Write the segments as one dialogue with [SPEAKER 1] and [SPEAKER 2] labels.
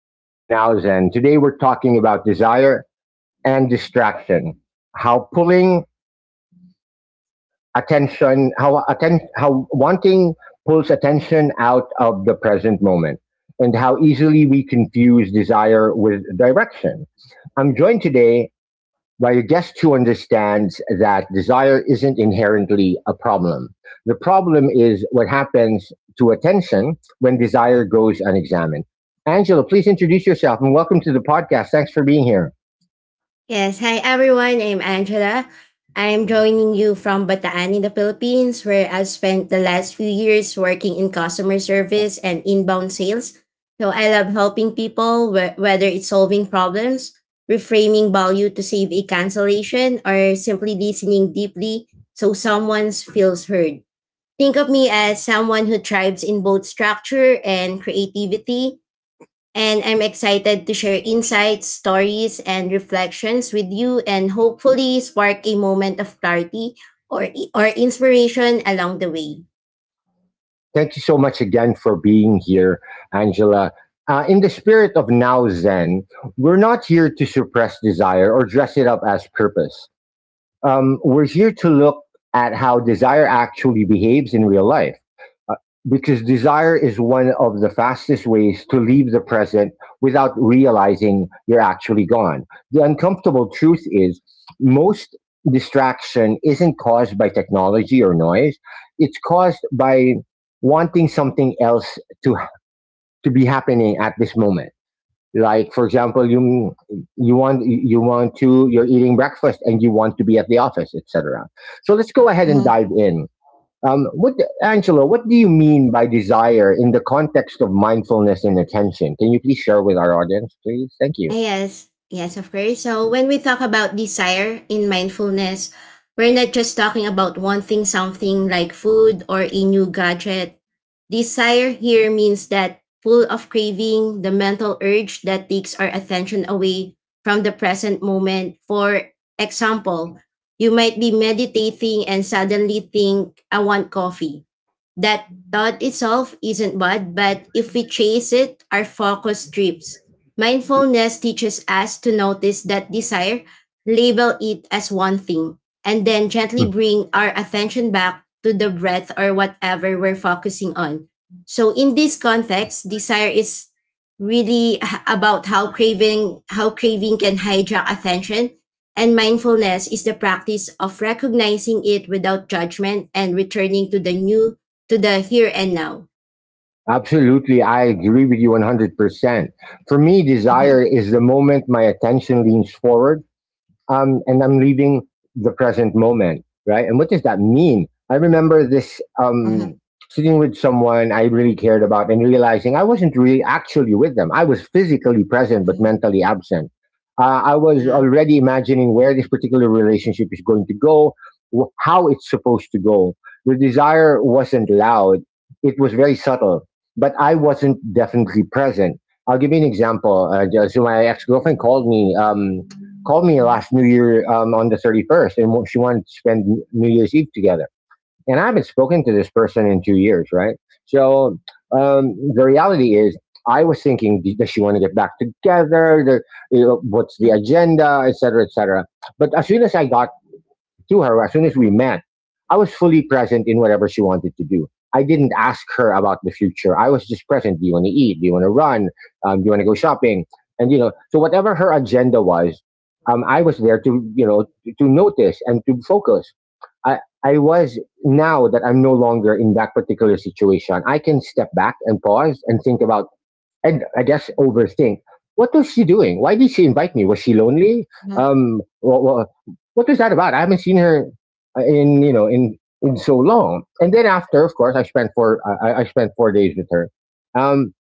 [SPEAKER 1] back to Now Zen. Today we're talking about desire and distraction. How pulling attention, how atten- how wanting pulls attention out of the present moment, and how easily we confuse desire with direction. I'm joined today by a guest who understands that desire isn't inherently a problem. The problem is what happens to attention when desire goes unexamined. Angela, please introduce yourself and welcome to the podcast. Thanks for being here.
[SPEAKER 2] Yes, hi everyone. I'm Angela. I'm joining you from Bataan in the Philippines, where I've spent the last few years working in customer service and inbound sales. So I love helping people, whether it's solving problems, reframing value to save a cancellation, or simply listening deeply so someone feels heard. Think of me as someone who thrives in both structure and creativity. And I'm excited to share insights, stories, and reflections with you and hopefully spark a moment of clarity or, or inspiration along the way.
[SPEAKER 1] Thank you so much again for being here, Angela. In the spirit of Now Zen, we're not here to suppress desire or dress it up as purpose. We're here to look at how desire actually behaves in real life. Uh, Because desire is one of the fastest ways to leave the present without realizing you're actually gone. The uncomfortable truth is, most distraction isn't caused by technology or noise, it's caused by wanting something else to, to be happening at this moment. Like, for example, you you want to you're eating breakfast and you want to be at the office, etc. So let's go ahead and
[SPEAKER 2] Mm-hmm.
[SPEAKER 1] dive in. What, Angelo, what do you mean by desire in the context of mindfulness and attention? Can you please share with our audience, please? Thank you.
[SPEAKER 2] Yes, yes, of course. So when we talk about desire in mindfulness, we're not just talking about wanting something like food or a new gadget. Desire here means that pull of craving, the mental urge that takes our attention away from the present moment. For example, you might be meditating and suddenly think, I want coffee. That thought itself isn't bad, but if we chase it, our focus strips. Mindfulness teaches us to notice that desire, label it as one thing, and then gently
[SPEAKER 1] Hmm.
[SPEAKER 2] bring our attention back to the breath or whatever we're focusing on. So in this context, desire is really about how craving can hijack attention, and mindfulness is the practice of recognizing it without judgment and returning to the here and now.
[SPEAKER 1] Absolutely, I agree with you 100%. For me,
[SPEAKER 2] Mm-hmm.
[SPEAKER 1] desire is the moment my attention leans forward, and I'm leaving the present moment, right? And what does that mean? I remember this, sitting with someone I really cared about and realizing I wasn't really actually with them. I was physically present but
[SPEAKER 2] Hmm.
[SPEAKER 1] mentally absent. I was
[SPEAKER 2] Yeah.
[SPEAKER 1] already imagining where this particular relationship is going to go, how it's supposed to go. The desire wasn't loud, it was very subtle, but I wasn't definitely present. I'll give you an example. So my ex girlfriend called me last New Year on the 31st, and she wanted to spend New Year's Eve together. And I haven't spoken to this person in 2 years, right? So the reality is, I was thinking, does she want to get back together? The, you know, what's the agenda, et cetera, et cetera. But as soon as I got to her as soon as we met, I was fully present in whatever she wanted to do. I didn't ask her about the future. I was just present. Do you want to eat? Do you want to run? Do you want to go shopping? And you know, so whatever her agenda was, I was there to, you know, to notice and to focus. I I was now that I'm no longer in that particular situation, I can step back and pause and think about, and I guess overthink. What was she doing? Why did she invite me? Was she lonely?
[SPEAKER 2] Mm-hmm.
[SPEAKER 1] Um, what, what, what was that about? I haven't seen her in, you know, in so long. And then after, of course, I spent 4 days with her. Um,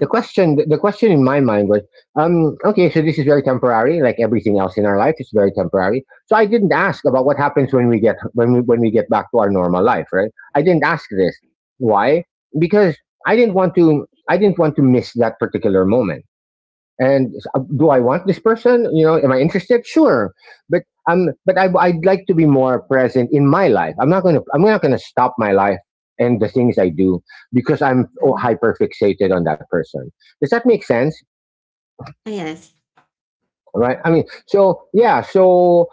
[SPEAKER 1] the question the question in my mind was, okay, so this is very temporary, like everything else in our life is very temporary. So I didn't ask about what happens when we get back to our normal life, right? I didn't ask this. Why? Because I didn't want to I didn't want to miss that particular moment. And do I want this person? You know, am I interested? Sure, but but I'd like to be more present in my life. I'm not gonna stop my life and the things I do because I'm,
[SPEAKER 2] mhm.
[SPEAKER 1] hyper fixated on that person. Does that make sense?
[SPEAKER 2] Ah, yes.
[SPEAKER 1] Right? I mean, so yeah. So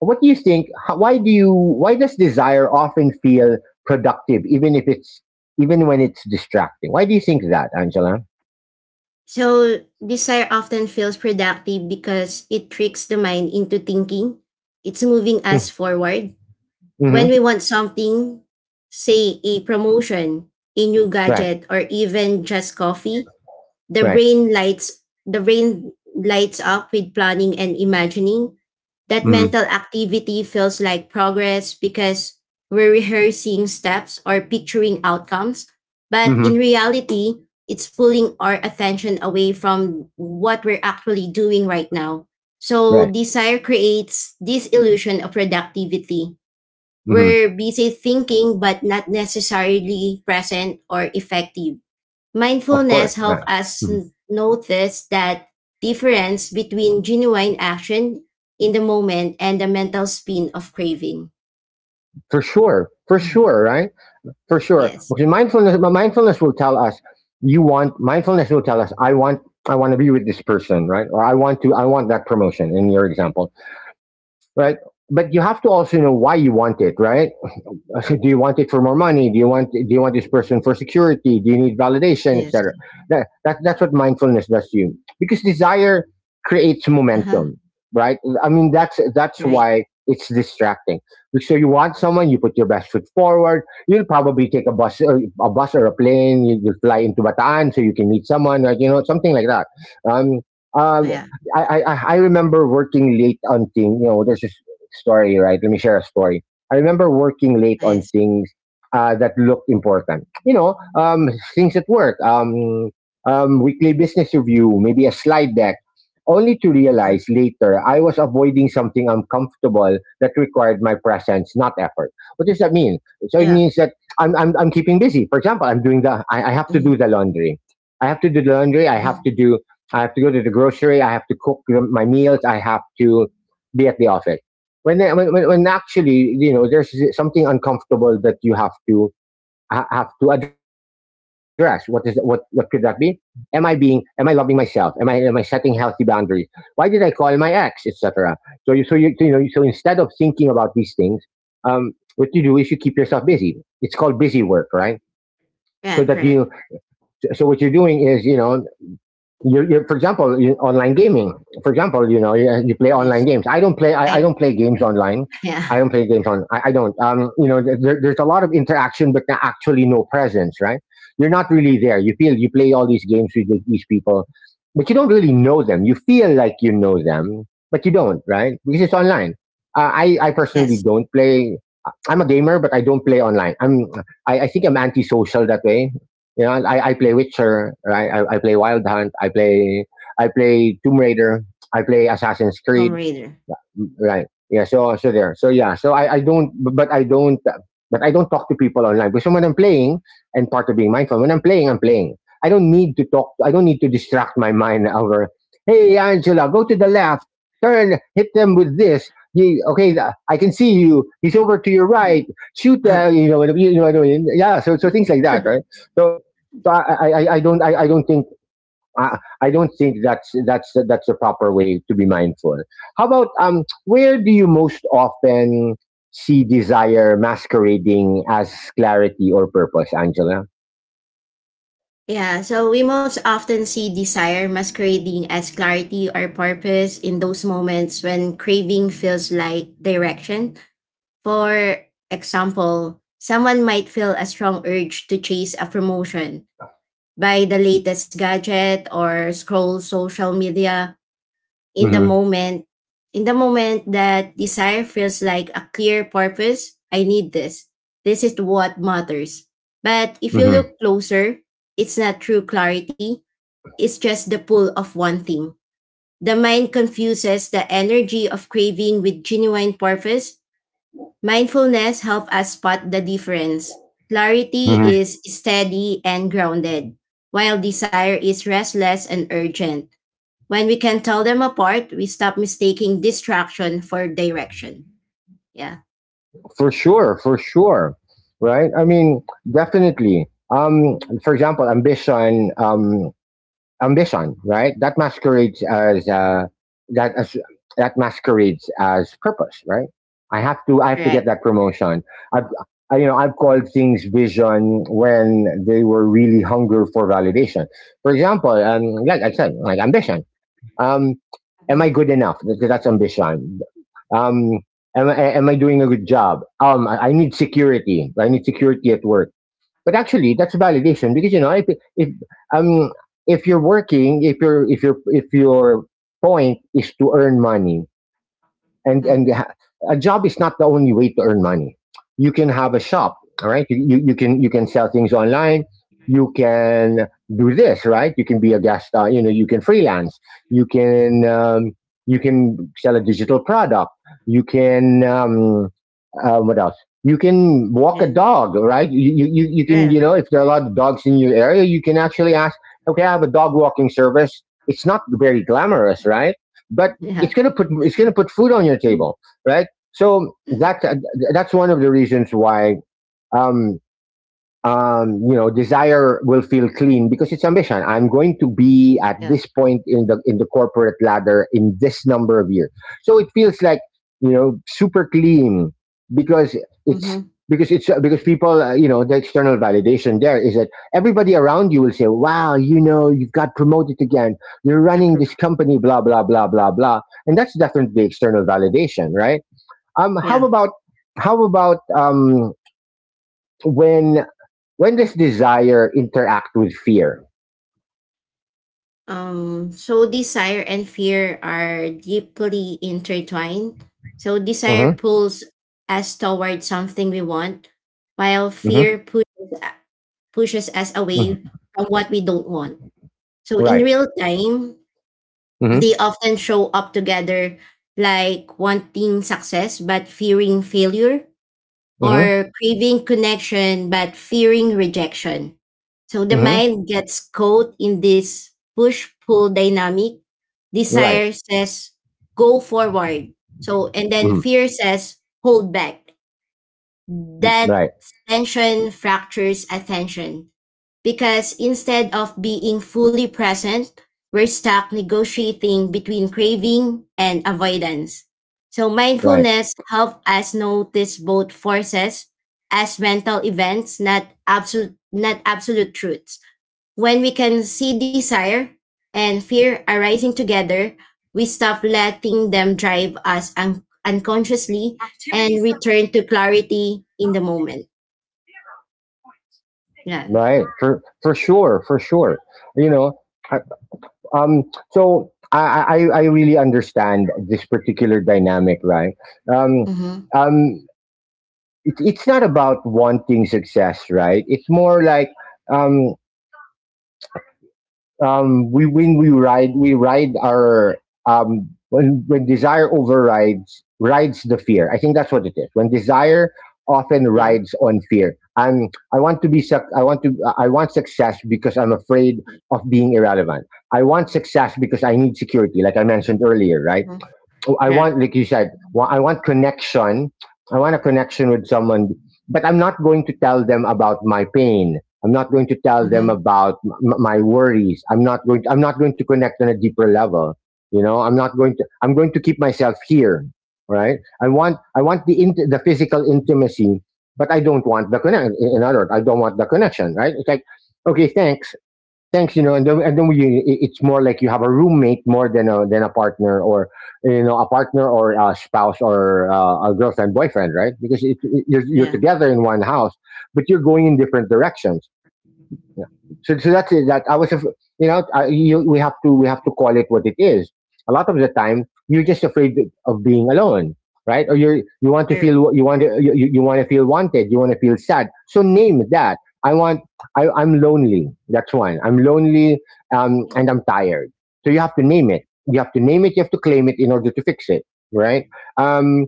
[SPEAKER 1] what do you think? Why do you? Why does desire often feel productive, even if it's even when it's distracting? Why do you think that, Angela?
[SPEAKER 2] So, desire often feels productive because it tricks the mind into thinking it's moving us forward. When we
[SPEAKER 1] Mm-hmm.
[SPEAKER 2] want something, say a promotion, a new
[SPEAKER 1] Right.
[SPEAKER 2] gadget, or even just coffee, The
[SPEAKER 1] Right.
[SPEAKER 2] brain lights the brain lights up with planning and imagining. That
[SPEAKER 1] Mm-hmm.
[SPEAKER 2] mental activity feels like progress because we're rehearsing steps or picturing outcomes. But in
[SPEAKER 1] Mm-hmm.
[SPEAKER 2] reality, it's pulling our attention away from what we're actually doing right now. So
[SPEAKER 1] Right.
[SPEAKER 2] desire creates this illusion of productivity.
[SPEAKER 1] Hmm.
[SPEAKER 2] We're busy thinking but not necessarily present or effective.
[SPEAKER 1] Of
[SPEAKER 2] Mindfulness
[SPEAKER 1] course,
[SPEAKER 2] helps
[SPEAKER 1] right.
[SPEAKER 2] us
[SPEAKER 1] Mhm.
[SPEAKER 2] notice that difference between genuine action in the moment and the mental spin of craving.
[SPEAKER 1] For
[SPEAKER 2] Yeah.
[SPEAKER 1] sure, right? For sure.
[SPEAKER 2] Yes.
[SPEAKER 1] Because mindfulness will tell us, you want mindfulness will tell us, I want, I want to be with this person, right? Or I want that promotion in your example, right? But you have to also know why you want it, right? Do you want it for more money? Do you want this person for security? Do you need validation,
[SPEAKER 2] Yes.
[SPEAKER 1] etc.? That's what mindfulness does to you, because desire creates
[SPEAKER 2] Uh huh.
[SPEAKER 1] momentum, right? I mean, that's
[SPEAKER 2] Right.
[SPEAKER 1] why it's distracting. So you want someone, you put your best foot forward. You'll probably take a bus, or a plane. You will fly into Bataan so you can meet someone, like, you know, something like that. Um, um,
[SPEAKER 2] Yeah.
[SPEAKER 1] I remember working late on thing. You know, there's this story, right? Let me share a story. I remember working late on
[SPEAKER 2] Yes.
[SPEAKER 1] things that looked important. You know, things at work, weekly business review, maybe a slide deck, only to
[SPEAKER 2] Uh-huh.
[SPEAKER 1] realize later I was avoiding something uncomfortable that required my presence, not effort. What does that mean? So it
[SPEAKER 2] Yeah.
[SPEAKER 1] means that I'm keeping busy. For example, I have to
[SPEAKER 2] Mm-hmm.
[SPEAKER 1] do the laundry. I have to do the laundry. I have
[SPEAKER 2] Mm-hmm.
[SPEAKER 1] to do, I have to go to the grocery. I have to cook my meals. I have to be at the office when actually, you know, there's something uncomfortable that you have to have to address. What is, what could that be? Am I being, am I loving myself? Am I, setting healthy boundaries? Why did I call my ex, etc.? You know, so instead of thinking about these things, what you do is you keep yourself busy. It's called busy work, right?
[SPEAKER 2] Yeah.
[SPEAKER 1] so that
[SPEAKER 2] Correct.
[SPEAKER 1] you so what you're doing is, you know, you for example, online gaming. For example, you know, you play online
[SPEAKER 2] Yes.
[SPEAKER 1] games. I
[SPEAKER 2] I.
[SPEAKER 1] don't play games online.
[SPEAKER 2] Yeah.
[SPEAKER 1] I don't play games on I don't, you know, there's a lot of interaction but not actually, no presence, right? You're not really there. You feel you play all these games with these people, but you don't really know them. You feel like you know them, but you don't, right? Because it's online. I personally
[SPEAKER 2] Yes.
[SPEAKER 1] don't play. I'm a gamer, but I don't play online. I think I'm antisocial that way. You know, I play Witcher, right? I play Wild Hunt, I play Tomb Raider, I play Assassin's
[SPEAKER 2] Tomb
[SPEAKER 1] Creed.
[SPEAKER 2] Raider.
[SPEAKER 1] Right. Yeah. So so there. So yeah. So I don't, but I don't talk to people online because when I'm playing, and part of being mindful, when I'm playing, I'm playing. I don't need to talk. I don't need to distract my mind over. Hey Angela, go to the left. Turn. Hit them with this. Okay, I can see you. He's over to your right. Shoot that. You know. You know what I mean? Yeah. So so things like that, right? So. I don't think, I don't think that's, that's a proper way to be mindful. How about where do you most often see desire masquerading as clarity or purpose, Angela?
[SPEAKER 2] Yeah, so we most often see desire masquerading as clarity or purpose in those moments when craving feels like direction. For example, someone might feel a strong urge to chase a promotion, buy the latest gadget, or scroll social media in the
[SPEAKER 1] Mm-hmm,
[SPEAKER 2] moment. In the moment, that desire feels like a clear purpose. I need this. This is what matters. But if you
[SPEAKER 1] mm-hmm,
[SPEAKER 2] look closer, it's not true clarity, it's just the pull of one thing. The mind confuses the energy of craving with genuine purpose. Mindfulness helps us spot the difference. Clarity
[SPEAKER 1] mm-hmm.
[SPEAKER 2] is steady and grounded, while desire is restless and urgent. When we can tell them apart, we stop mistaking distraction for direction. Yeah,
[SPEAKER 1] For sure, right? I mean, definitely. Um, for example, ambition, right? That masquerades as that as, that masquerades as purpose, right? I have to get
[SPEAKER 2] correct.
[SPEAKER 1] that promotion. I've you know, I've called things vision when they were really hunger for validation. For example, like I said, like ambition. Um, am I
[SPEAKER 2] Mm-hmm.
[SPEAKER 1] good enough? Because that's ambition. Um, am I doing a good job? Um, I need security. I need security at work. But actually, that's validation because, you know, if um if you're working, if your point is to earn money, and
[SPEAKER 2] Mm-hmm.
[SPEAKER 1] and ha- a job is not the only way to earn money. You can have a shop, all right. You can, you can sell things online. You can do this, right? You can be a guest, you know. You can freelance. You can um, you can sell a digital product. You can what else? You can walk a
[SPEAKER 2] Yeah,
[SPEAKER 1] dog, right? You can, you
[SPEAKER 2] yeah,
[SPEAKER 1] know, if there are a lot of dogs in your area, you can actually ask, okay, I have a dog walking service. It's not very glamorous, right? But
[SPEAKER 2] yeah.
[SPEAKER 1] it's going to put food on your
[SPEAKER 2] Mm.
[SPEAKER 1] table, right? So that's one of the reasons why, um, you know, desire will feel clean because it's ambition. I'm going to be at
[SPEAKER 2] Yeah.
[SPEAKER 1] this point in the corporate ladder in this number of years. So it feels like you know super clean because it's
[SPEAKER 2] Mm-hmm.
[SPEAKER 1] because it's because people you know, the external validation there is that everybody around you will say, wow, you know, you've got promoted again, you're running this company, blah blah blah blah blah, and that's definitely external validation, right? um how
[SPEAKER 2] Yeah.
[SPEAKER 1] about how about um when when does desire interact with fear?
[SPEAKER 2] So desire and fear are deeply intertwined. So desire
[SPEAKER 1] Hmm.
[SPEAKER 2] pulls us toward something we want, while
[SPEAKER 1] Hmm.
[SPEAKER 2] fear pushes, pushes us away
[SPEAKER 1] Hmm.
[SPEAKER 2] from what we don't want. So in
[SPEAKER 1] Right.
[SPEAKER 2] real time,
[SPEAKER 1] Hmm.
[SPEAKER 2] they often show up together, like wanting success but fearing failure,
[SPEAKER 1] Hmm.
[SPEAKER 2] or craving connection but fearing rejection. So the
[SPEAKER 1] Hmm.
[SPEAKER 2] mind gets caught in this push pull dynamic.
[SPEAKER 1] Right.
[SPEAKER 2] Desire says, go forward. So, and then
[SPEAKER 1] Hmm.
[SPEAKER 2] fear says, hold back. That
[SPEAKER 1] Right.
[SPEAKER 2] tension fractures attention because instead of being fully present, we're stuck negotiating between craving and avoidance. So
[SPEAKER 1] Right.
[SPEAKER 2] mindfulness helps us notice both forces as mental events, not absolute truths. When we can see desire and fear arising together, we stop letting them drive us unconsciously and return to clarity in the moment. Yeah.
[SPEAKER 1] Right. For sure. For sure. You know. I- So I really understand this particular dynamic. Right. Um.
[SPEAKER 2] Mm-hmm.
[SPEAKER 1] Um. It's not about wanting success. Right. It's more like um. We when we ride our when desire overrides rides the fear. I think that's what it is. When desire often
[SPEAKER 2] Yeah.
[SPEAKER 1] rides on fear. I want to be suc- I want to I want success because I'm afraid of being irrelevant. I want success because I need security, like I mentioned earlier, right?
[SPEAKER 2] Mhm.
[SPEAKER 1] Oh, I
[SPEAKER 2] Yeah.
[SPEAKER 1] want, like you said, I want connection. I want a connection with someone, but I'm not going to tell them about my pain. I'm not going to tell them
[SPEAKER 2] Mhm.
[SPEAKER 1] about my worries. I'm not going to connect on a deeper level. You know, I'm not going to. I'm going to keep myself here, right? I want the the physical intimacy, but I don't want the connection. In other words, I don't want the connection, right? It's like, okay, thanks. Thanks, you know, and then we, it- it's more like you have a roommate more than a partner or you know, a partner or a spouse or a girlfriend, boyfriend, right? Because you're
[SPEAKER 2] Yeah.
[SPEAKER 1] together in one house, but you're going in different directions. Yeah. So that's it. That I was, af- You know, we have to call it what it is. A lot of the time, you're just afraid of being alone, right? Or you want to
[SPEAKER 2] True.
[SPEAKER 1] feel, you want to, you want to feel wanted. You want to feel sad. So name that. I want. I'm lonely. That's one. I'm lonely, and I'm tired. So you have to name it. You have to name it. You have to claim it in order to fix it, right? Um,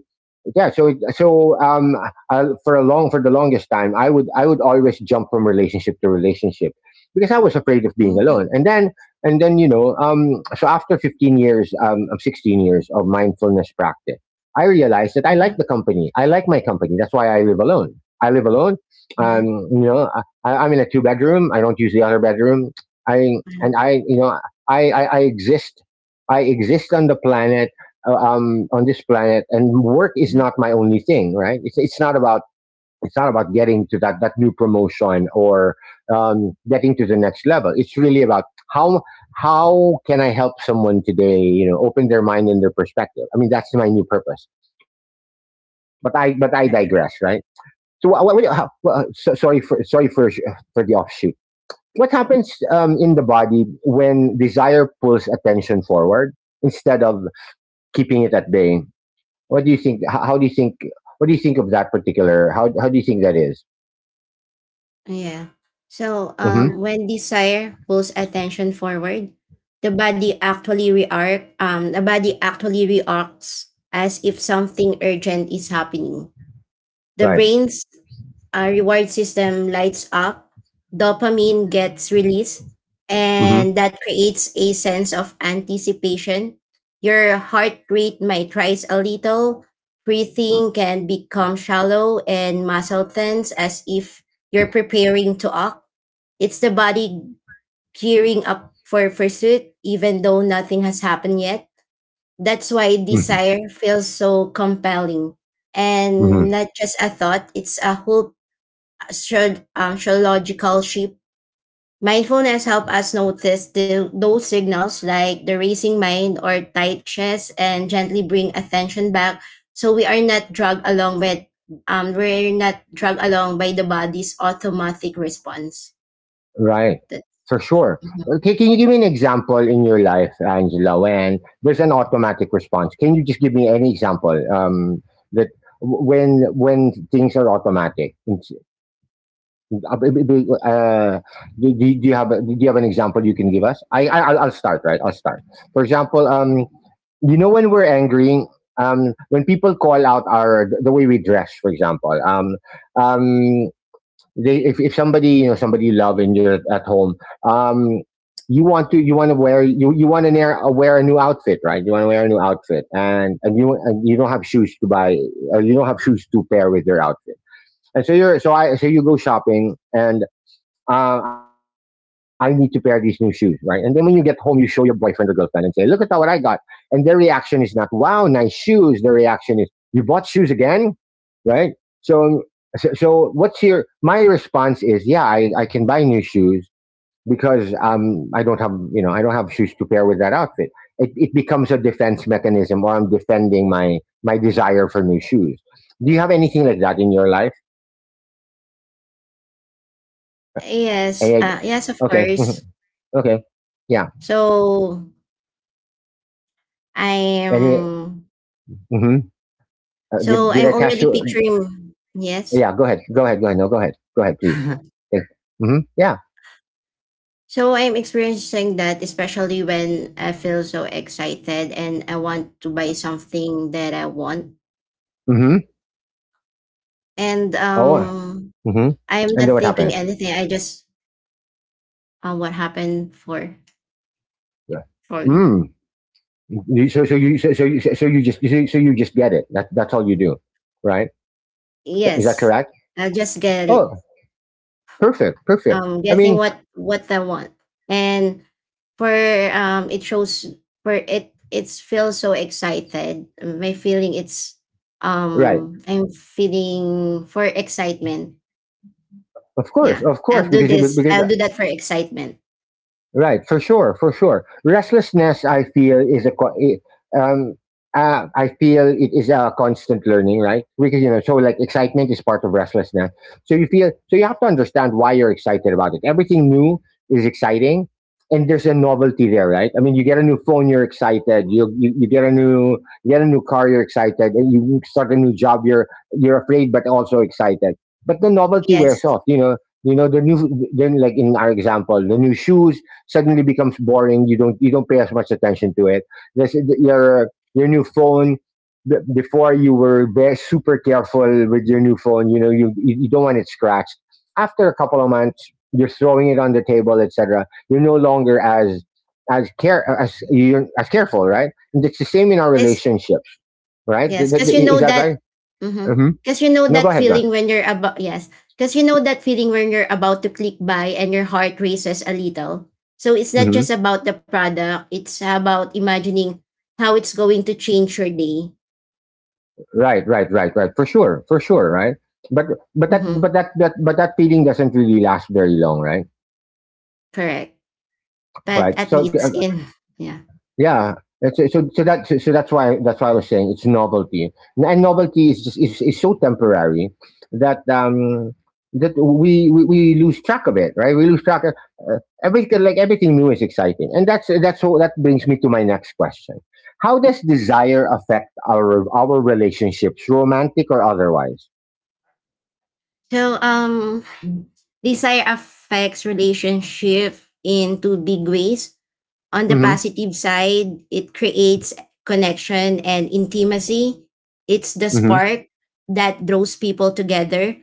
[SPEAKER 1] yeah. So it, so for a long for the longest time, I would always jump from relationship to relationship because I was afraid of being alone,
[SPEAKER 2] Mhm.
[SPEAKER 1] and then you know, so after 15 years, of 16 years of mindfulness practice, I realized that
[SPEAKER 2] Mhm.
[SPEAKER 1] I like my company. That's why I live alone. I live alone. um,
[SPEAKER 2] Mhm.
[SPEAKER 1] you know, I'm in a two bedroom. I don't use the other bedroom. i
[SPEAKER 2] Yeah.
[SPEAKER 1] and i you know, I exist. I exist on this planet, and work is
[SPEAKER 2] Mhm.
[SPEAKER 1] not my only thing, right? It's not about getting to that new promotion or getting to the next level. It's really about how how can I help someone today? You know, open their mind and their perspective. I mean, that's my new purpose. But I digress, right?
[SPEAKER 2] Yeah.
[SPEAKER 1] So what, how, well, so, sorry for sorry for the offshoot. What happens in the body when desire pulls attention forward instead of keeping it at bay? What do you think? What do you think of that particular? How do you think that is?
[SPEAKER 2] Yeah. So,
[SPEAKER 1] Mm-hmm.
[SPEAKER 2] when desire pulls attention forward, the body actually react. The body actually reacts as if something urgent is happening. The
[SPEAKER 1] Right.
[SPEAKER 2] brain's Our reward system lights up, dopamine gets released,
[SPEAKER 1] Mm-hmm.
[SPEAKER 2] and that creates a sense of anticipation. Your heart rate might rise a little, breathing can become shallow, and muscle tense as if you're preparing to act. It's the body gearing up for pursuit, even though nothing has happened yet. That's why
[SPEAKER 1] Mm-hmm.
[SPEAKER 2] desire feels so compelling,
[SPEAKER 1] Mm-hmm.
[SPEAKER 2] and not just a thought, it's a whole astrological shape. Mindfulness help us notice the, those signals like the racing mind or tight chest and gently bring attention back so we are not dragged along by the body's automatic response.
[SPEAKER 1] Right.
[SPEAKER 2] That-
[SPEAKER 1] For sure.
[SPEAKER 2] Mhm.
[SPEAKER 1] Okay, can you give me an example in your life, Angela, when there's an automatic response? Can you just give me any example, that when things are automatic in, Uh, uh, do do you have do you have an example you can give us? I'll start. Right, I'll start. For example, you know, when we're angry, when people call out our the way we dress, for example, um, they, if somebody, you know, somebody you love and you're at home, um, you want to wear you you want to wear, wear a new outfit, right? You want to wear a new outfit, and and you don't have shoes to buy, or you don't have shoes to pair with your outfit. And so you're, so I so you go shopping, and I need to pair these new shoes, right? And then when you get home, you show your boyfriend or girlfriend and say, look at what I got. And their reaction is not, wow, nice shoes. Their reaction is, you bought shoes again, right? So, so what's your, my response is, yeah, I can buy new shoes because I don't have, you know, I don't have shoes to pair with that outfit. It becomes a defense mechanism, or I'm defending my desire for new shoes. Do you have anything like that in your life?
[SPEAKER 2] Yes,
[SPEAKER 1] Eh,
[SPEAKER 2] yes, of
[SPEAKER 1] okay.
[SPEAKER 2] course.
[SPEAKER 1] Mhm. Okay. Yeah.
[SPEAKER 2] So I
[SPEAKER 1] Anyway.
[SPEAKER 2] am
[SPEAKER 1] Mhm.
[SPEAKER 2] so
[SPEAKER 1] Did
[SPEAKER 2] I'm
[SPEAKER 1] I catch
[SPEAKER 2] already
[SPEAKER 1] you?
[SPEAKER 2] picturing yes.
[SPEAKER 1] Yeah, go ahead. Go ahead. Go ahead. No, go ahead. Go ahead, please. Mm-hmm. Yeah.
[SPEAKER 2] So I'm experiencing that especially when I feel so excited and I want to buy something that I want.
[SPEAKER 1] Mm-hmm.
[SPEAKER 2] And
[SPEAKER 1] Oh. Mm-hmm.
[SPEAKER 2] I'm
[SPEAKER 1] And then
[SPEAKER 2] not
[SPEAKER 1] what
[SPEAKER 2] thinking
[SPEAKER 1] happens?
[SPEAKER 2] anything. I just what happened for
[SPEAKER 1] Yeah.
[SPEAKER 2] for
[SPEAKER 1] Mm. So so you just so, so you just get it. That's all you do, right? Is that
[SPEAKER 2] yes.
[SPEAKER 1] correct?
[SPEAKER 2] I'll just get it.
[SPEAKER 1] Oh, perfect, perfect.
[SPEAKER 2] Um,
[SPEAKER 1] I
[SPEAKER 2] getting
[SPEAKER 1] mean,
[SPEAKER 2] what I want. And for it shows for it it's feels so excited. My feeling it's
[SPEAKER 1] right.
[SPEAKER 2] I'm feeling for excitement. Yeah,
[SPEAKER 1] Of
[SPEAKER 2] I'll
[SPEAKER 1] course,
[SPEAKER 2] do
[SPEAKER 1] because you
[SPEAKER 2] this.
[SPEAKER 1] because
[SPEAKER 2] I'll do that for excitement.
[SPEAKER 1] right, for sure, for sure. Restlessness, I feel, is I feel it is a constant learning, right? Because you know, so like excitement is part of restlessness. So you feel, so you have to understand why you're excited about it. Everything new is exciting, and there's a novelty there, right? I mean, you get a new phone, you're excited. You get a new car, you're excited, and you start a new job, you're afraid but also excited. But the novelty wears
[SPEAKER 2] Yes.
[SPEAKER 1] off, you know. You know the new, then like in our example, the new shoes, suddenly becomes boring. You don't pay as much attention to it. This, your your new phone, before, you were very super careful with your new phone. You know, you don't want it scratched. After a couple of months, you're throwing it on the table, etc. You're no longer as care as you're as careful, right? And it's the same in our
[SPEAKER 2] Yes.
[SPEAKER 1] relationships, right?
[SPEAKER 2] Yes. Because you
[SPEAKER 1] Is
[SPEAKER 2] know
[SPEAKER 1] that
[SPEAKER 2] that.
[SPEAKER 1] right?
[SPEAKER 2] Mm-hmm.
[SPEAKER 1] Mm-hmm.
[SPEAKER 2] Because you know
[SPEAKER 1] No, go
[SPEAKER 2] that
[SPEAKER 1] ahead, man.
[SPEAKER 2] feeling when you're about. Yes. Because you know that feeling when you're about to click buy and your heart races a little. So it's not
[SPEAKER 1] Mm-hmm.
[SPEAKER 2] just about the product, it's about imagining how it's going to change your day.
[SPEAKER 1] Right, right, right, right. For sure, right. But but
[SPEAKER 2] Mm-hmm.
[SPEAKER 1] that but that feeling doesn't really last very long, right?
[SPEAKER 2] Correct. But
[SPEAKER 1] Right.
[SPEAKER 2] at
[SPEAKER 1] So
[SPEAKER 2] least in. Yeah.
[SPEAKER 1] yeah, it's- so that's why I was saying it's novelty, and novelty is just is so temporary that we, we lose track of it, right? We lose track of everything. Like everything new is exciting, and that's so that brings me to my next question: how does desire affect our relationships, romantic or otherwise?
[SPEAKER 2] So desire affects relationship in two big ways. On the
[SPEAKER 1] Mm-hmm.
[SPEAKER 2] positive side, it creates connection and intimacy. It's the
[SPEAKER 1] Mm-hmm.
[SPEAKER 2] spark that draws people together,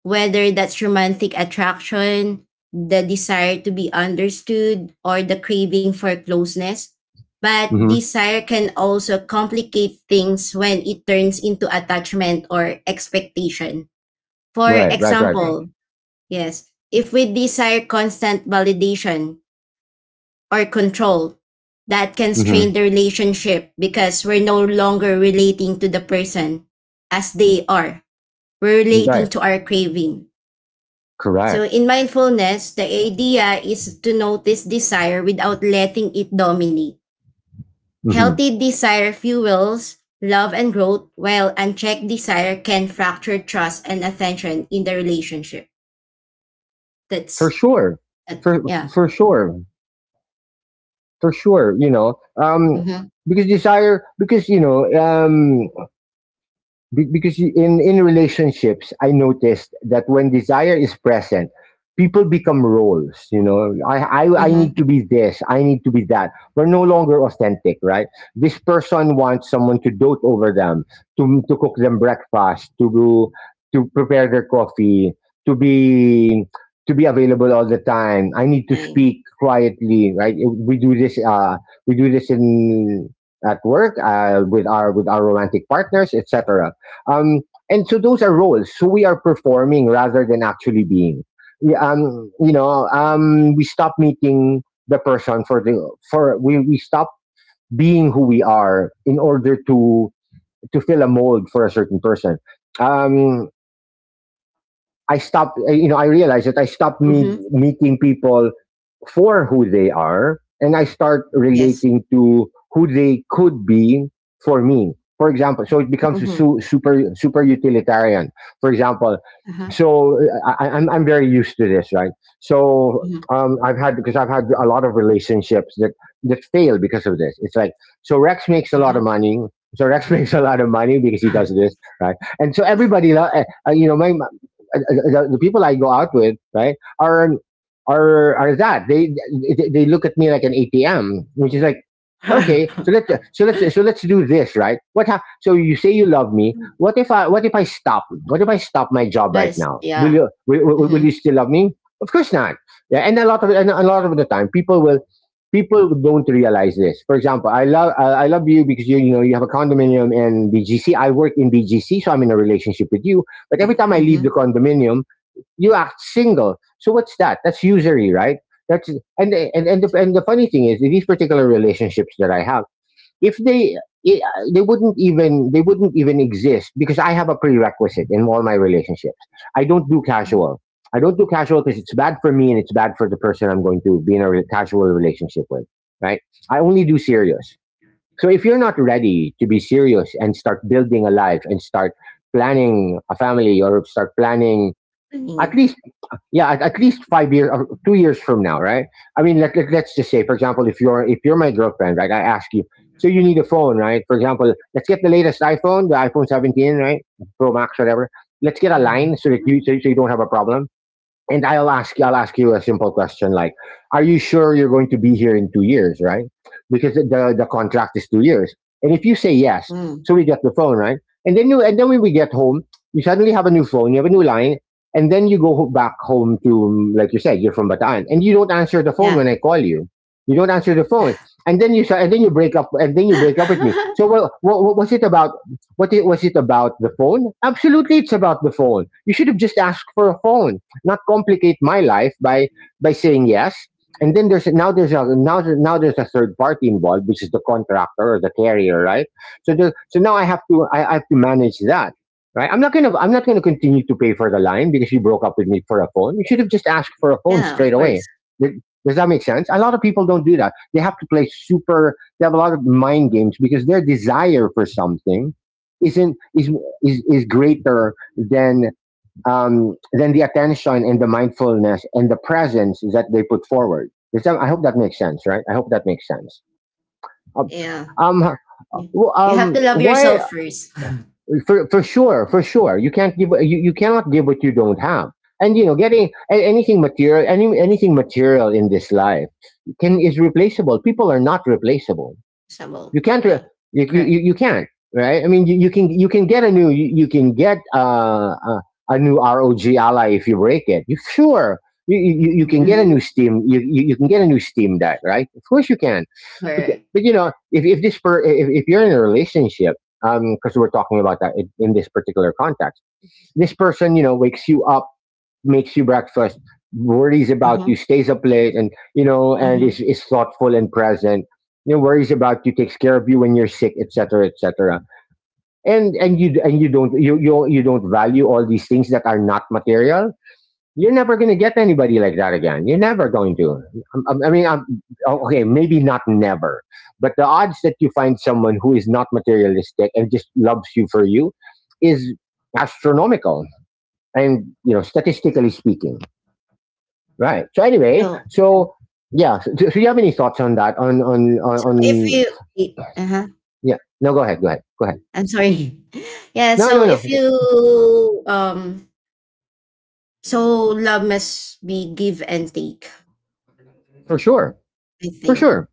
[SPEAKER 2] whether that's romantic attraction, the desire to be understood, or the craving for closeness. But
[SPEAKER 1] Hmm.
[SPEAKER 2] desire can also complicate things when it turns into attachment or expectation. For
[SPEAKER 1] Right, right, right, right.
[SPEAKER 2] example, yes, if we desire constant validation or control, that can
[SPEAKER 1] Hmm.
[SPEAKER 2] strain the relationship because we're no longer relating to the person as they are. We're relating
[SPEAKER 1] Right,
[SPEAKER 2] to our craving. So,
[SPEAKER 1] correct.
[SPEAKER 2] in mindfulness, the idea is to notice desire without letting it dominate.
[SPEAKER 1] Hmm.
[SPEAKER 2] Healthy desire fuels love and growth, while unchecked desire can fracture trust and attention in the relationship.
[SPEAKER 1] For
[SPEAKER 2] That's,
[SPEAKER 1] sure,
[SPEAKER 2] that,
[SPEAKER 1] for
[SPEAKER 2] yeah.
[SPEAKER 1] for sure, for sure. You know,
[SPEAKER 2] Mhm,
[SPEAKER 1] because desire, because you know, because you- in relationships, I noticed that when desire is present, people become roles. You know, I need
[SPEAKER 2] mhm.
[SPEAKER 1] to be this, I need to be that. We're no longer authentic, right? This person wants someone to dote over them, to cook them breakfast, to prepare their coffee, to be to be available all the time. I need to
[SPEAKER 2] Time.
[SPEAKER 1] speak quietly, right? We do this in at work, with our romantic partners, etc. um, and so those are roles. So we are performing rather than actually being. Yeah. You know, we stop meeting the person for the for we stop being who we are in order to fill a mold for a certain person. Um, I stopped. You know, I realized that I stopped
[SPEAKER 2] Mhm.
[SPEAKER 1] meeting people for who they are, and I start
[SPEAKER 2] Yes.
[SPEAKER 1] relating to who they could be for me. For example, so it becomes a
[SPEAKER 2] Mhm.
[SPEAKER 1] super super utilitarian. For example,
[SPEAKER 2] Uh-huh.
[SPEAKER 1] so I'm very used to this, right? So
[SPEAKER 2] Mhm.
[SPEAKER 1] I've had, because I've had a lot of relationships that fail because of this. It's like, so Rex makes a lot
[SPEAKER 2] Uh-huh.
[SPEAKER 1] of money. So Rex makes a lot of money because he does this, right? And so everybody, lo- you know, my- the people I go out with, right, are are that they look at me like an ATM, which is like, okay, so let's so let's so let's do this, right? So you say you love me? What if I stop my job
[SPEAKER 2] That
[SPEAKER 1] right
[SPEAKER 2] is
[SPEAKER 1] now?
[SPEAKER 2] yeah.
[SPEAKER 1] Will you
[SPEAKER 2] Mhm.
[SPEAKER 1] still love me? Of course not. Yeah, and a lot of the time, people don't realize this. For example, I love you because you have a condominium in BGC. I work in BGC, so I'm in a relationship with you. But every
[SPEAKER 2] Mm,
[SPEAKER 1] time I leave the
[SPEAKER 2] Mhm.
[SPEAKER 1] condominium, you act single. So what's that? That's usury, right? That's and the funny thing is these particular relationships that I have, if they I- they wouldn't even exist because I have a prerequisite in all my relationships. I don't do
[SPEAKER 2] Mhm.
[SPEAKER 1] casual. I don't do casual because it's bad for me and it's bad for the person I'm going to be in a casual relationship with, right? I only do serious. So if you're not ready to be serious and start building a life and start planning a family or start planning at
[SPEAKER 2] Mm.
[SPEAKER 1] least yeah, at least 5 years or 2 years from now, right? I mean, us just say, for example, if you're my girlfriend, right? I ask you, so you need a phone, right? For example, let's get the latest iphone, the iphone 17, right? Pro max, whatever. Let's get a line
[SPEAKER 2] Mm.
[SPEAKER 1] so that you so, so you don't have a problem. And I'll ask you a simple question like, are you sure you're going to be here in 2 years, right? Because the contract is 2 years. And if you say yes,
[SPEAKER 2] Mm.
[SPEAKER 1] so we get the phone, right? And then when we get home, you suddenly have a new phone, you have a new line, and then you go back home to like you said, you're from Bataan, and you don't answer the phone when
[SPEAKER 2] Yeah.
[SPEAKER 1] I call you. You don't answer the phone, and then you sa- and then you break up, and then you break up with me. So, well, what was it about? Was it about the phone? Absolutely, it's about the phone. You should have just asked for a phone, not complicate my life by saying yes. And then there's now there's a now now there's a third party involved, which is the contractor or the carrier, right? So now I have to manage that, right? I'm not gonna continue to pay for the line because you broke up with me for a phone. You should have just asked for a phone
[SPEAKER 2] Yeah,
[SPEAKER 1] straight
[SPEAKER 2] of
[SPEAKER 1] away.
[SPEAKER 2] course.
[SPEAKER 1] Th- Does that make sense? A lot of people don't do that. They have to play super. They have a lot of mind games because their desire for something isn't is greater than the attention and the mindfulness and the presence that they put forward. I hope that makes sense, right? I hope that makes sense. Um,
[SPEAKER 2] Yeah.
[SPEAKER 1] um,
[SPEAKER 2] You you have to love
[SPEAKER 1] why?
[SPEAKER 2] yourself first.
[SPEAKER 1] For sure, you can't give. You cannot give what you don't have. And you know, getting anything material, anything material in this life can is replaceable. People are not replaceable.
[SPEAKER 2] Possible.
[SPEAKER 1] you can't. re-
[SPEAKER 2] Yeah.
[SPEAKER 1] You you
[SPEAKER 2] Correct.
[SPEAKER 1] you, can't. Right. I mean, you can get a new you, you can get a new ROG ally if you break it. You sure. You can get a new
[SPEAKER 2] Mhm.
[SPEAKER 1] You can get a new Steam Deck, right? Of course you can. but,
[SPEAKER 2] Correct.
[SPEAKER 1] but you know, if this per, if you're in a relationship, because we're talking about that in this particular context, this person, you know, wakes you up, makes you breakfast, worries about
[SPEAKER 2] Mhm.
[SPEAKER 1] you, stays up late, and you know, and
[SPEAKER 2] Mhm.
[SPEAKER 1] is thoughtful and present. You know, worries about you, takes care of you when you're sick, etc., etc. And and you you don't value all these things that are not material. You're never going to get anybody like that again. You're never going to. I mean, okay, maybe not never, but the odds that you find someone who is not materialistic and just loves you for you is astronomical. And you know, statistically speaking. Right. So anyway,
[SPEAKER 2] So,
[SPEAKER 1] so yeah. So you have any thoughts on that?
[SPEAKER 2] so if
[SPEAKER 1] On
[SPEAKER 2] you, uh huh,
[SPEAKER 1] yeah. No, go ahead. Go ahead. Go ahead.
[SPEAKER 2] I'm sorry. yeah.
[SPEAKER 1] No,
[SPEAKER 2] So
[SPEAKER 1] no, no.
[SPEAKER 2] if you um, so love must be give and take,
[SPEAKER 1] For sure.
[SPEAKER 2] I
[SPEAKER 1] For
[SPEAKER 2] think.
[SPEAKER 1] sure.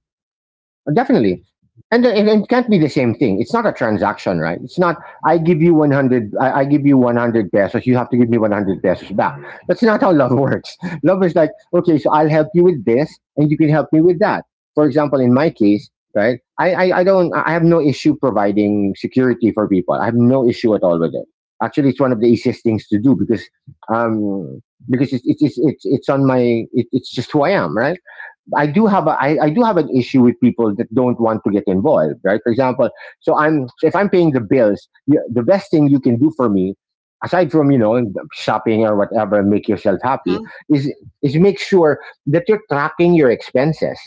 [SPEAKER 1] Definitely. And, it can't be the same thing. It's not a transaction, right? It's not I give you 100 pesos, you have to give me 100 pesos back. That's not how love works. Love is like, okay, so I'll help you with this and you can help me with that. For example, in my case, right? I have no issue providing security for people. I have no issue at all with it. Actually, it's one of the easiest things to do um because it's on my it's just who I am, right? I do have I do have an issue with people that don't want to get involved, right? For example, so if I'm paying the bills, you, the best thing you can do for me, aside from you know shopping or whatever, make yourself happy,
[SPEAKER 2] Huh?
[SPEAKER 1] is is make sure that you're tracking your expenses,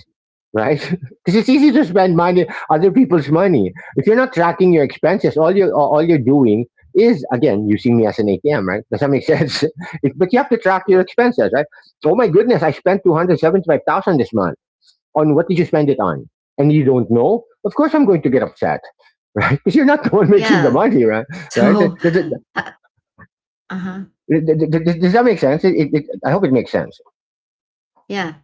[SPEAKER 1] right? Because it's easy to spend money, other people's money. If you're not tracking your expenses, all you're doing is again using me as an ATM, right? Does that make sense? But you have to track your expenses, right? So, oh my goodness, I spent 275,000 this month. On what did you spend it on? And you don't know? Of course I'm going to get upset, right? Because you're not the one making the
[SPEAKER 2] Yeah.
[SPEAKER 1] money, right? Right? Does,
[SPEAKER 2] So
[SPEAKER 1] does- does-
[SPEAKER 2] uh-huh.
[SPEAKER 1] does that make sense? I hope it makes sense.
[SPEAKER 2] Yeah.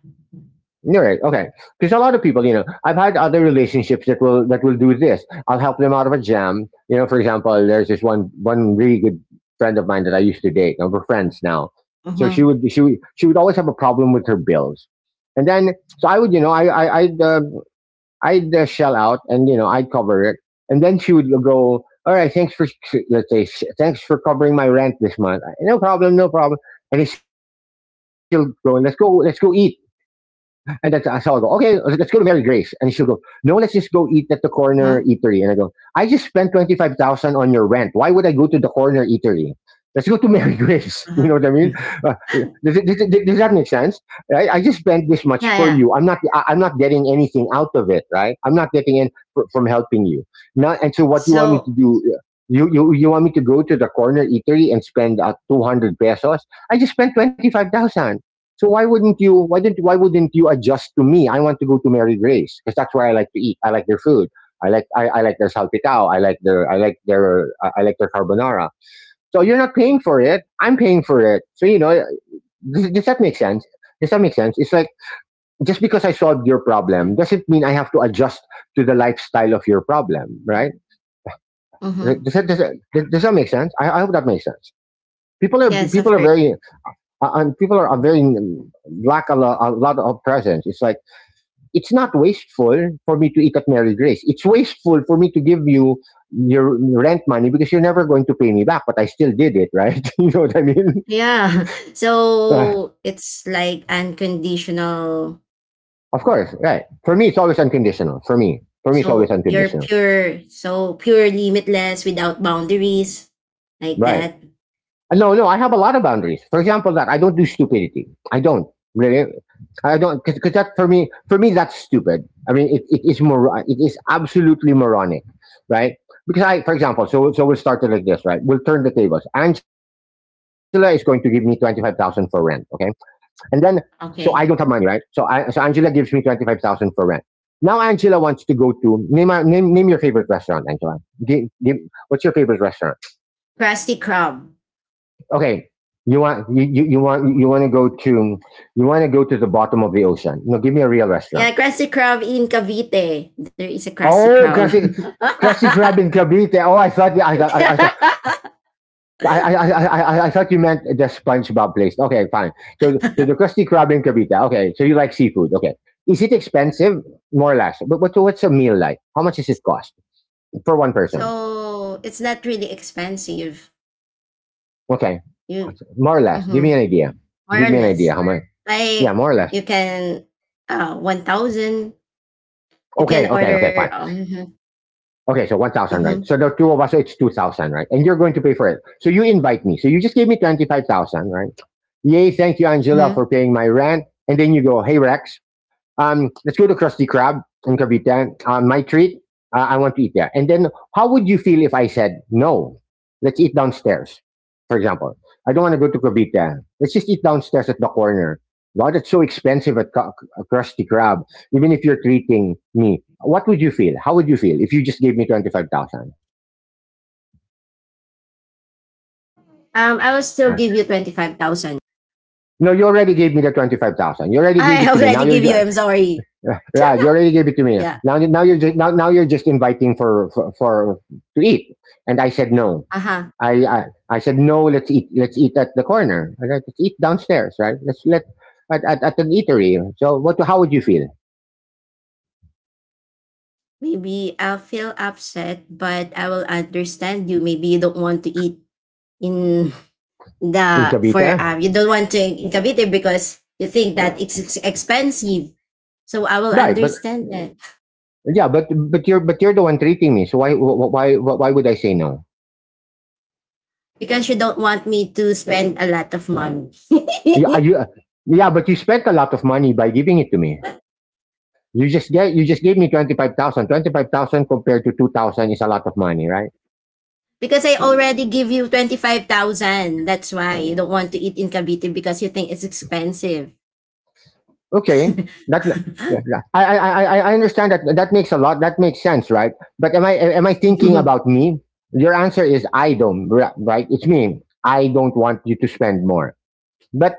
[SPEAKER 1] All right, okay. Because a lot of people, you know, I've had other relationships that will do this. I'll help them out of a jam. You know, for example, there's this one really good friend of mine that I used to date, and we're friends now. So
[SPEAKER 2] Uh-huh.
[SPEAKER 1] she would always have a problem with her bills, and then so I would, you know, I I'd I'd shell out and you know I'd cover it, and then she would go, "All right, thanks for, let's say, thanks for covering my rent this month. No problem, no problem." And then she'll go, "Let's go, let's go eat." And then so I'll go, okay, let's go to Mary Grace. And she'll go, no, let's just go eat at the corner
[SPEAKER 2] Uh-huh.
[SPEAKER 1] eatery. And I go, I just spent 25,000 on your rent. Why would I go to the corner eatery? Let's go to Mary Grace. You
[SPEAKER 2] Uh-huh.
[SPEAKER 1] know what I mean? Uh, does that make sense? I just spent this
[SPEAKER 2] Yeah,
[SPEAKER 1] much for
[SPEAKER 2] yeah.
[SPEAKER 1] you. I'm not. I'm not getting anything out of it, right? I'm not getting from helping you. Now, and so what do you want me
[SPEAKER 2] So
[SPEAKER 1] to do? You want me to go to the corner eatery and spend 200 pesos? I just spent 25,000. So why wouldn't you? Why didn't? Why wouldn't you adjust to me? I want to go to Mary Grace because that's where I like to eat. I like their food. I like their salpicao. I like their carbonara. So you're not paying for it. I'm paying for it. So you know, does that make sense? Does that make sense? It's like just because I solved your problem doesn't mean I have to adjust to the lifestyle of your problem, right?
[SPEAKER 2] uh-huh.
[SPEAKER 1] Like, does that make sense? I hope that makes sense.
[SPEAKER 2] Yes, of
[SPEAKER 1] People are
[SPEAKER 2] course.
[SPEAKER 1] very and people are very lack a lot of presence. It's like it's not wasteful for me to eat at Mary Grace. It's wasteful for me to give you your rent money because you're never going to pay me back, but I still did it, right? You know what I mean?
[SPEAKER 2] Yeah.
[SPEAKER 1] Of
[SPEAKER 2] So it's like unconditional.
[SPEAKER 1] course, right. For me, it's always unconditional. For me, it's always
[SPEAKER 2] So you're
[SPEAKER 1] unconditional.
[SPEAKER 2] pure, so pure, limitless, without boundaries, like
[SPEAKER 1] Right.
[SPEAKER 2] that.
[SPEAKER 1] No, no, I have a lot of boundaries. For example, that I don't do stupidity. I don't really. I don't because that for me, that's stupid. I mean, It is absolutely moronic, right? Because I, for example, so we'll start it like this, right? We'll turn the tables. Angela is going to give me 25,000 for rent, okay? And then, so I don't have money, right?
[SPEAKER 2] Okay.
[SPEAKER 1] So I, so Angela gives me 25,000 for rent. Now Angela wants to go to name a- name name your favorite restaurant, Angela. Give, give, what's your favorite restaurant?
[SPEAKER 2] Krusty Krab.
[SPEAKER 1] Okay, you want you want to go to the bottom of the ocean. No, give me a real restaurant.
[SPEAKER 2] Yeah, Krusty Krab in Cavite. There is a Krusty
[SPEAKER 1] Oh,
[SPEAKER 2] Krab.
[SPEAKER 1] classic. Classic crab in Cavite. Oh, I thought I thought I thought I thought you meant the SpongeBob place. Okay, fine. So the Krusty Krab in Cavite. Okay, so you like seafood. Okay, is it expensive? More or less. But what's a meal like? How much does it cost for one person?
[SPEAKER 2] So it's not really expensive.
[SPEAKER 1] Okay,
[SPEAKER 2] You.
[SPEAKER 1] more or less. Give me
[SPEAKER 2] Mhm.
[SPEAKER 1] an idea.
[SPEAKER 2] More
[SPEAKER 1] Give
[SPEAKER 2] or
[SPEAKER 1] me an idea.
[SPEAKER 2] less.
[SPEAKER 1] How much? Yeah,
[SPEAKER 2] Like
[SPEAKER 1] more or less.
[SPEAKER 2] you can 1,000. You
[SPEAKER 1] Okay,
[SPEAKER 2] can
[SPEAKER 1] okay, okay,
[SPEAKER 2] order
[SPEAKER 1] fine.
[SPEAKER 2] mhm,
[SPEAKER 1] Okay, so 1,000, right?
[SPEAKER 2] mhm,
[SPEAKER 1] So the two of us, so it's 2,000, right? And you're going to pay for it. So you invite me. So you just gave me 25,000, right? Yay, thank you, Angela,
[SPEAKER 2] mhm.
[SPEAKER 1] for paying my rent. And then you go, hey, Rex, let's go to Krusty Krab in Cavite. My treat, I want to eat there. And then, how would you feel if I said, no, let's eat downstairs? For example, I don't want to go to Cavite. Let's just eat downstairs at the corner. God, it's so expensive at Krusty Krab. Even if you're treating me, what would you feel? How would you feel if you just gave me 25,000?
[SPEAKER 2] Um, I will still
[SPEAKER 1] Uh,
[SPEAKER 2] give you 25,000.
[SPEAKER 1] No, you already gave me the 25,000. You already gave
[SPEAKER 2] I
[SPEAKER 1] it to me.
[SPEAKER 2] already give you. I'm sorry.
[SPEAKER 1] Right, you already gave it to me.
[SPEAKER 2] Yeah.
[SPEAKER 1] Now you're just inviting for to eat, and I said no.
[SPEAKER 2] Uh huh.
[SPEAKER 1] I, I I said no. Let's eat. Let's eat at the corner. All right, let's eat downstairs. Right. Let's let at an eatery. So what? How would you feel
[SPEAKER 2] Maybe I'll feel upset, but I will understand you. Maybe you don't want to eat in
[SPEAKER 1] in
[SPEAKER 2] the for
[SPEAKER 1] Cavite?
[SPEAKER 2] you don't want to in Cavite because you think that it's expensive. So I will
[SPEAKER 1] Right, but
[SPEAKER 2] understand that.
[SPEAKER 1] yeah, but you're the one treating me. So why why would I say no?
[SPEAKER 2] Because you don't want me to spend a lot of money.
[SPEAKER 1] Are You, are you, uh, yeah, but you spent a lot of money by giving it to me. You just gave me 25,000. 25,000 compared to 2,000 is a lot of money, right?
[SPEAKER 2] Because I already give you 25,000. That's why you don't want to eat in Cavite because you think it's expensive.
[SPEAKER 1] Okay, that yeah, yeah. I understand that that makes a lot that makes sense, right? But am I thinking about me? Your answer is I don't, right? It's me. I don't want you to spend more. But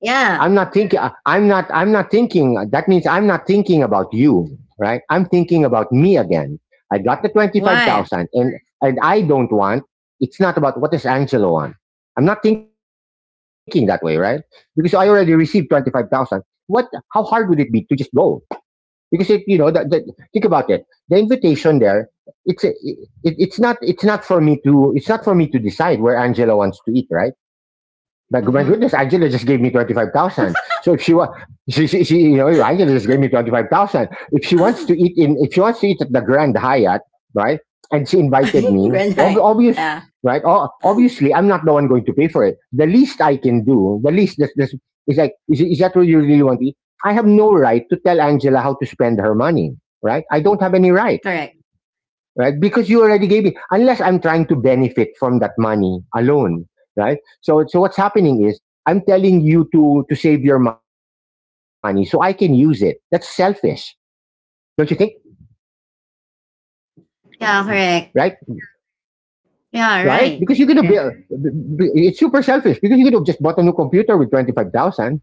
[SPEAKER 2] Yeah.
[SPEAKER 1] I'm not thinking. I'm not. I'm not thinking. That means I'm not thinking about you, right? I'm thinking about me again. I got the twenty five
[SPEAKER 2] Why?
[SPEAKER 1] thousand, and I don't want. It's not about what does Angelo want. I'm not thinking that way, right? Because I already received 25,000. What? How hard would it be to just go? Because it, you know that, think about it, the invitation there, it's a, it, it's not, it's not for me to it's not for me to decide where Angela wants to eat, right? My
[SPEAKER 2] Mhm.
[SPEAKER 1] goodness, Angela just gave me 25,000. So if she wants, you know, Angela just gave me 25,000. If she wants to eat in, if she wants to eat at the Grand Hyatt, right? And she invited me.
[SPEAKER 2] Grand
[SPEAKER 1] Ob-
[SPEAKER 2] Hyatt.
[SPEAKER 1] obvious,
[SPEAKER 2] Yeah.
[SPEAKER 1] right? O- obviously, I'm not the one going to pay for it. The least I can do, the least is like, is that what you really want to eat? I have no right to tell Angela how to spend her money, right? I don't have any right,
[SPEAKER 2] Correct.
[SPEAKER 1] right? Because you already gave me, unless I'm trying to benefit from that money alone, right? So what's happening is I'm telling you to save your money so I can use it. That's selfish, don't you think?
[SPEAKER 2] Yeah,
[SPEAKER 1] Right,
[SPEAKER 2] correct.
[SPEAKER 1] right?
[SPEAKER 2] Yeah,
[SPEAKER 1] Because you could
[SPEAKER 2] right.
[SPEAKER 1] have,
[SPEAKER 2] Yeah.
[SPEAKER 1] it's super selfish because you could have just bought a new computer with 25,000.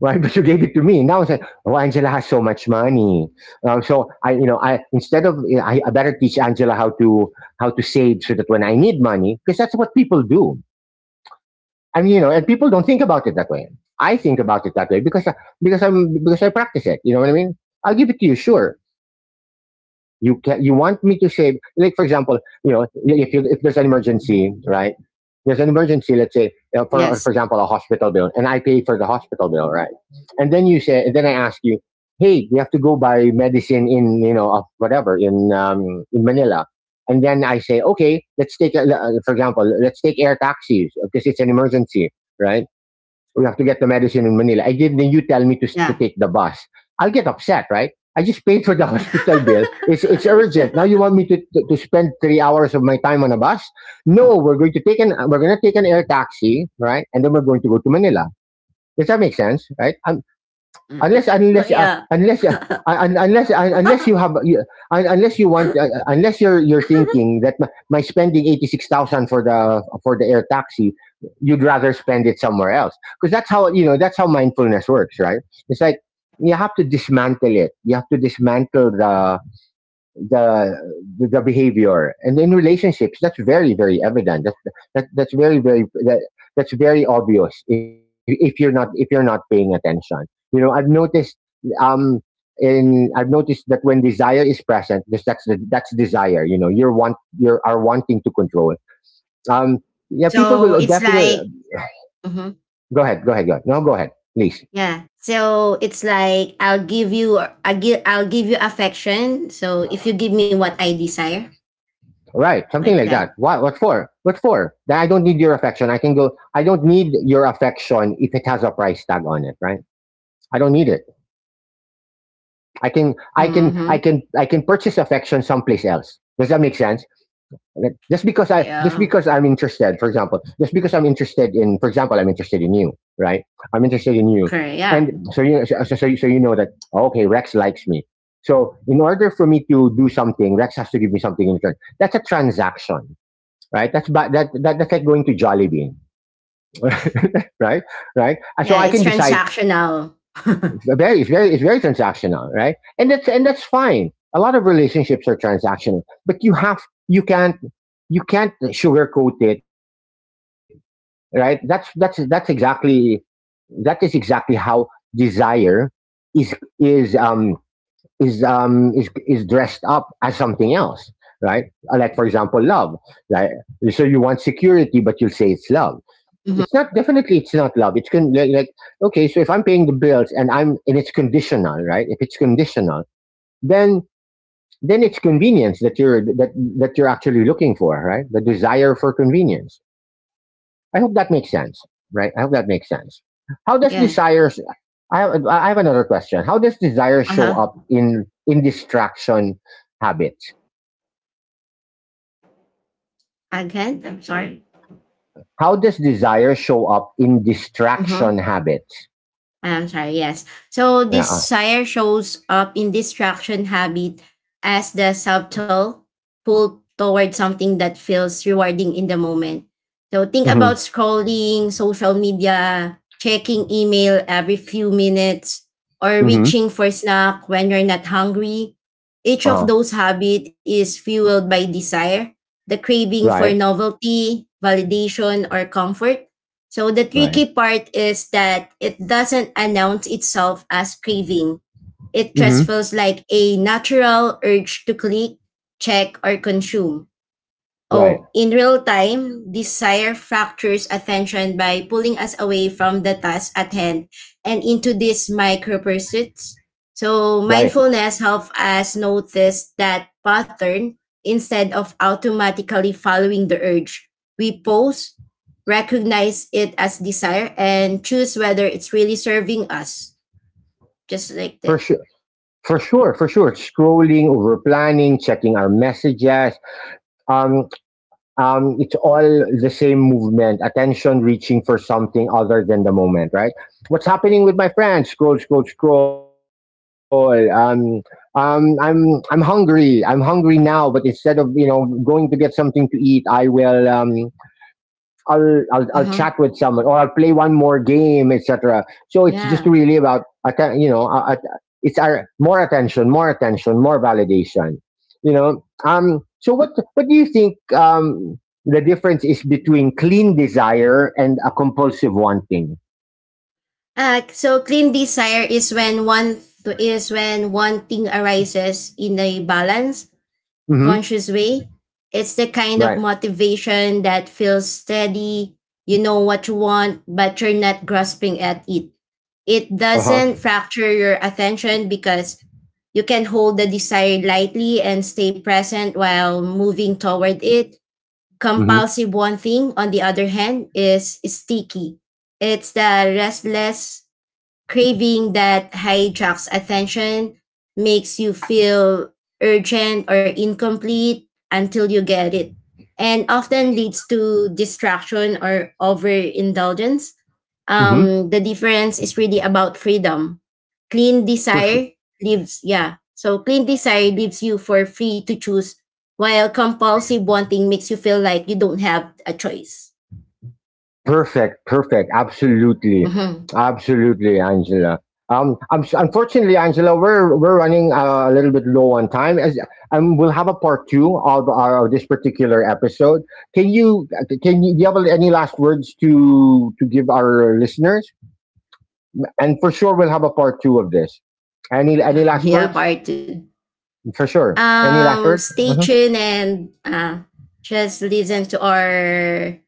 [SPEAKER 1] Right, but you gave it to me. Now I said, "Oh, Angela has so much money, so I, you know, I instead of I better teach Angela how to save so that when I need money, because that's what people do." I mean, you know, and people don't think about it that way. I think about it that way because I, because I practice it. You know what I mean? I'll give it to you. Sure, you can. You want me to say, like for example, you know, if you, if there's an emergency, right? There's an emergency, let's say, for
[SPEAKER 2] Yes.
[SPEAKER 1] example, a hospital bill, and I pay for the hospital bill, right? And then you say, and then I ask you, hey, we have to go buy medicine in, you know, whatever in Manila, and then I say, okay, let's take a, for example, let's take air taxis because it's an emergency, right? We have to get the medicine in Manila. I didn't, you tell me to,
[SPEAKER 2] Yeah.
[SPEAKER 1] take the bus. I'll get upset, right? I just paid for the hospital bill. It's urgent. Now you want me to, to spend 3 hours of my time on a bus? No, we're going to take an, we're going to take an air taxi, right? And then we're going to go to Manila. Does that make sense, right? I unless unless
[SPEAKER 2] yeah.
[SPEAKER 1] unless un- unless un- Unless you have you, unless you want unless you're thinking that my spending 86,000 for the air taxi, you'd rather spend it somewhere else, because that's how, you know, that's how mindfulness works, right? It's like you have to dismantle it. You have to dismantle the the behavior, and in relationships that's very evident. That's that, that's very very that, that's very obvious if you're not, if you're not paying attention. You know, I've noticed, um in, I've noticed that when desire is present, this that's the, that's desire. You know, you're want, you are wanting to control. um yeah, people
[SPEAKER 2] So
[SPEAKER 1] will
[SPEAKER 2] it's
[SPEAKER 1] definitely
[SPEAKER 2] like Mhm.
[SPEAKER 1] go ahead go ahead go ahead. No, go ahead, please.
[SPEAKER 2] Yeah. So it's like I'll give you I'll give you affection. So if you give me what I desire,
[SPEAKER 1] Right,
[SPEAKER 2] like
[SPEAKER 1] something like
[SPEAKER 2] that.
[SPEAKER 1] that. What? What for? What for? Then I don't need your affection. I can go. I don't need your affection if it has a price tag on it, right? I don't need it. I can. I can. I can. I can
[SPEAKER 2] Mm-hmm.
[SPEAKER 1] purchase affection someplace else. Does that make sense? Right? Just because I'm
[SPEAKER 2] Yeah.
[SPEAKER 1] interested, for example, just because I'm interested in, for example, I'm interested in you, right? I'm interested in you,
[SPEAKER 2] Correct. Yeah.
[SPEAKER 1] and so you, so so, so you know that, oh, okay, Rex likes me. So in order for me to do something, Rex has to give me something in return. That's a transaction, right? That's ba- that, that that's like going to Jollibee, right? Right. And so
[SPEAKER 2] Yeah.
[SPEAKER 1] I can
[SPEAKER 2] It's
[SPEAKER 1] decide.
[SPEAKER 2] transactional.
[SPEAKER 1] It's very transactional, right? And that's, and that's fine. A lot of relationships are transactional, but you have, you can't, you can't sugarcoat it, right? That's that is exactly how desire is, is dressed up as something else, right? Like for example, love. Like so, you want security, but you'll say it's love.
[SPEAKER 2] Mm-hmm.
[SPEAKER 1] It's not, definitely it's not love. It's con- like okay, so if I'm paying the bills and I'm and it's conditional, right? If it's conditional, then, it's convenience that you're that that you're actually looking for, right? The desire for convenience. I hope that makes sense, right? I hope that makes sense. How does
[SPEAKER 2] Yeah.
[SPEAKER 1] desires? I have another question. How does desire show up
[SPEAKER 2] Uh-huh.
[SPEAKER 1] in distraction habits?
[SPEAKER 2] Again, I'm sorry.
[SPEAKER 1] How does desire show up in
[SPEAKER 2] Mm-hmm.
[SPEAKER 1] distraction habits?
[SPEAKER 2] I'm sorry, yes. So
[SPEAKER 1] Yeah.
[SPEAKER 2] desire shows up in distraction habit as the subtle pull toward something that feels rewarding in the moment. So think
[SPEAKER 1] Mm-hmm.
[SPEAKER 2] about scrolling social media, checking email every few minutes, or
[SPEAKER 1] Mm-hmm.
[SPEAKER 2] reaching for snack when you're not hungry. Each of
[SPEAKER 1] Uh-huh.
[SPEAKER 2] those habits is fueled by desire, the craving for
[SPEAKER 1] Right.
[SPEAKER 2] novelty, validation, or comfort. So the
[SPEAKER 1] Right.
[SPEAKER 2] tricky part is that it doesn't announce itself as craving. It just
[SPEAKER 1] Hmm.
[SPEAKER 2] feels like a natural urge to click, check, or consume.
[SPEAKER 1] Right,
[SPEAKER 2] Oh, in real time, desire fractures attention by pulling us away from the task at hand and into these micro pursuits. So,
[SPEAKER 1] right.
[SPEAKER 2] mindfulness helps us notice that pattern instead of automatically following the urge. We pause, recognize it as desire, and choose whether it's really serving us. Just like
[SPEAKER 1] For
[SPEAKER 2] that.
[SPEAKER 1] sure, for sure. Scrolling, over planning, checking our messages. Um, it's all the same movement. Attention reaching for something other than the moment. Right. What's happening with my friends? Scroll, scroll, scroll. I'm hungry. I'm hungry now. But instead of, you know, going to get something to eat, I will I'll chat
[SPEAKER 2] Hmm.
[SPEAKER 1] with someone or I'll play one more game, etc. So it's just
[SPEAKER 2] Yeah.
[SPEAKER 1] really about you know it's our more attention, more attention, more validation. You know, So what do you think the difference is between clean desire and a compulsive wanting?
[SPEAKER 2] So clean desire is when one thing arises in a balanced,
[SPEAKER 1] Mm-hmm.
[SPEAKER 2] conscious way. It's the kind of
[SPEAKER 1] Right.
[SPEAKER 2] motivation that feels steady. You know what you want, but you're not grasping at it. It
[SPEAKER 1] Uh huh.
[SPEAKER 2] doesn't fracture your attention because you can hold the desire lightly and stay present while moving toward it.
[SPEAKER 1] Mm-hmm.
[SPEAKER 2] Compulsive one thing, on the other hand, is sticky. It's the restless craving that hijacks attention, makes you feel urgent or incomplete until you get it, and often leads to distraction or overindulgence.
[SPEAKER 1] Mm-hmm.
[SPEAKER 2] The difference is really about freedom. Clean
[SPEAKER 1] For sure.
[SPEAKER 2] desire leaves, yeah. So clean desire leaves you for free to choose, while compulsive wanting makes you feel like you don't have a choice.
[SPEAKER 1] Perfect. Absolutely,
[SPEAKER 2] Mhm.
[SPEAKER 1] absolutely, Angela. I'm, unfortunately, Angela, we're running a little bit low on time, as, and we'll have a part two of our of this particular episode. Can you, do you have any last words to give our listeners? And for sure, we'll have a part two of this. Any last words?
[SPEAKER 2] Yeah, part two.
[SPEAKER 1] For sure. Any last words?
[SPEAKER 2] Stay
[SPEAKER 1] Mhm.
[SPEAKER 2] tuned and just listen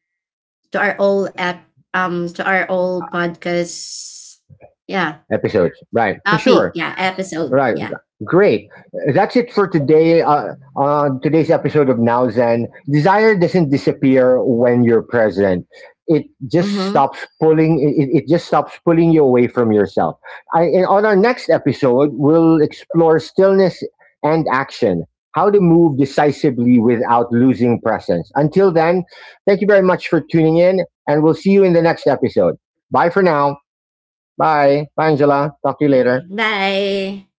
[SPEAKER 2] to our old app to our old podcast. Yeah,
[SPEAKER 1] Episodes, right? For
[SPEAKER 2] topic.
[SPEAKER 1] sure.
[SPEAKER 2] Yeah, episode.
[SPEAKER 1] Right.
[SPEAKER 2] Yeah.
[SPEAKER 1] Great. That's it for today. On today's episode of Now Zen, desire doesn't disappear when you're present. It just
[SPEAKER 2] Mm-hmm.
[SPEAKER 1] stops pulling. It just stops pulling you away from yourself. And on our next episode, we'll explore stillness and action. How to move decisively without losing presence. Until then, thank you very much for tuning in, and we'll see you in the next episode. Bye for now. Bye. Bye, Angela. Talk to you later.
[SPEAKER 2] Bye.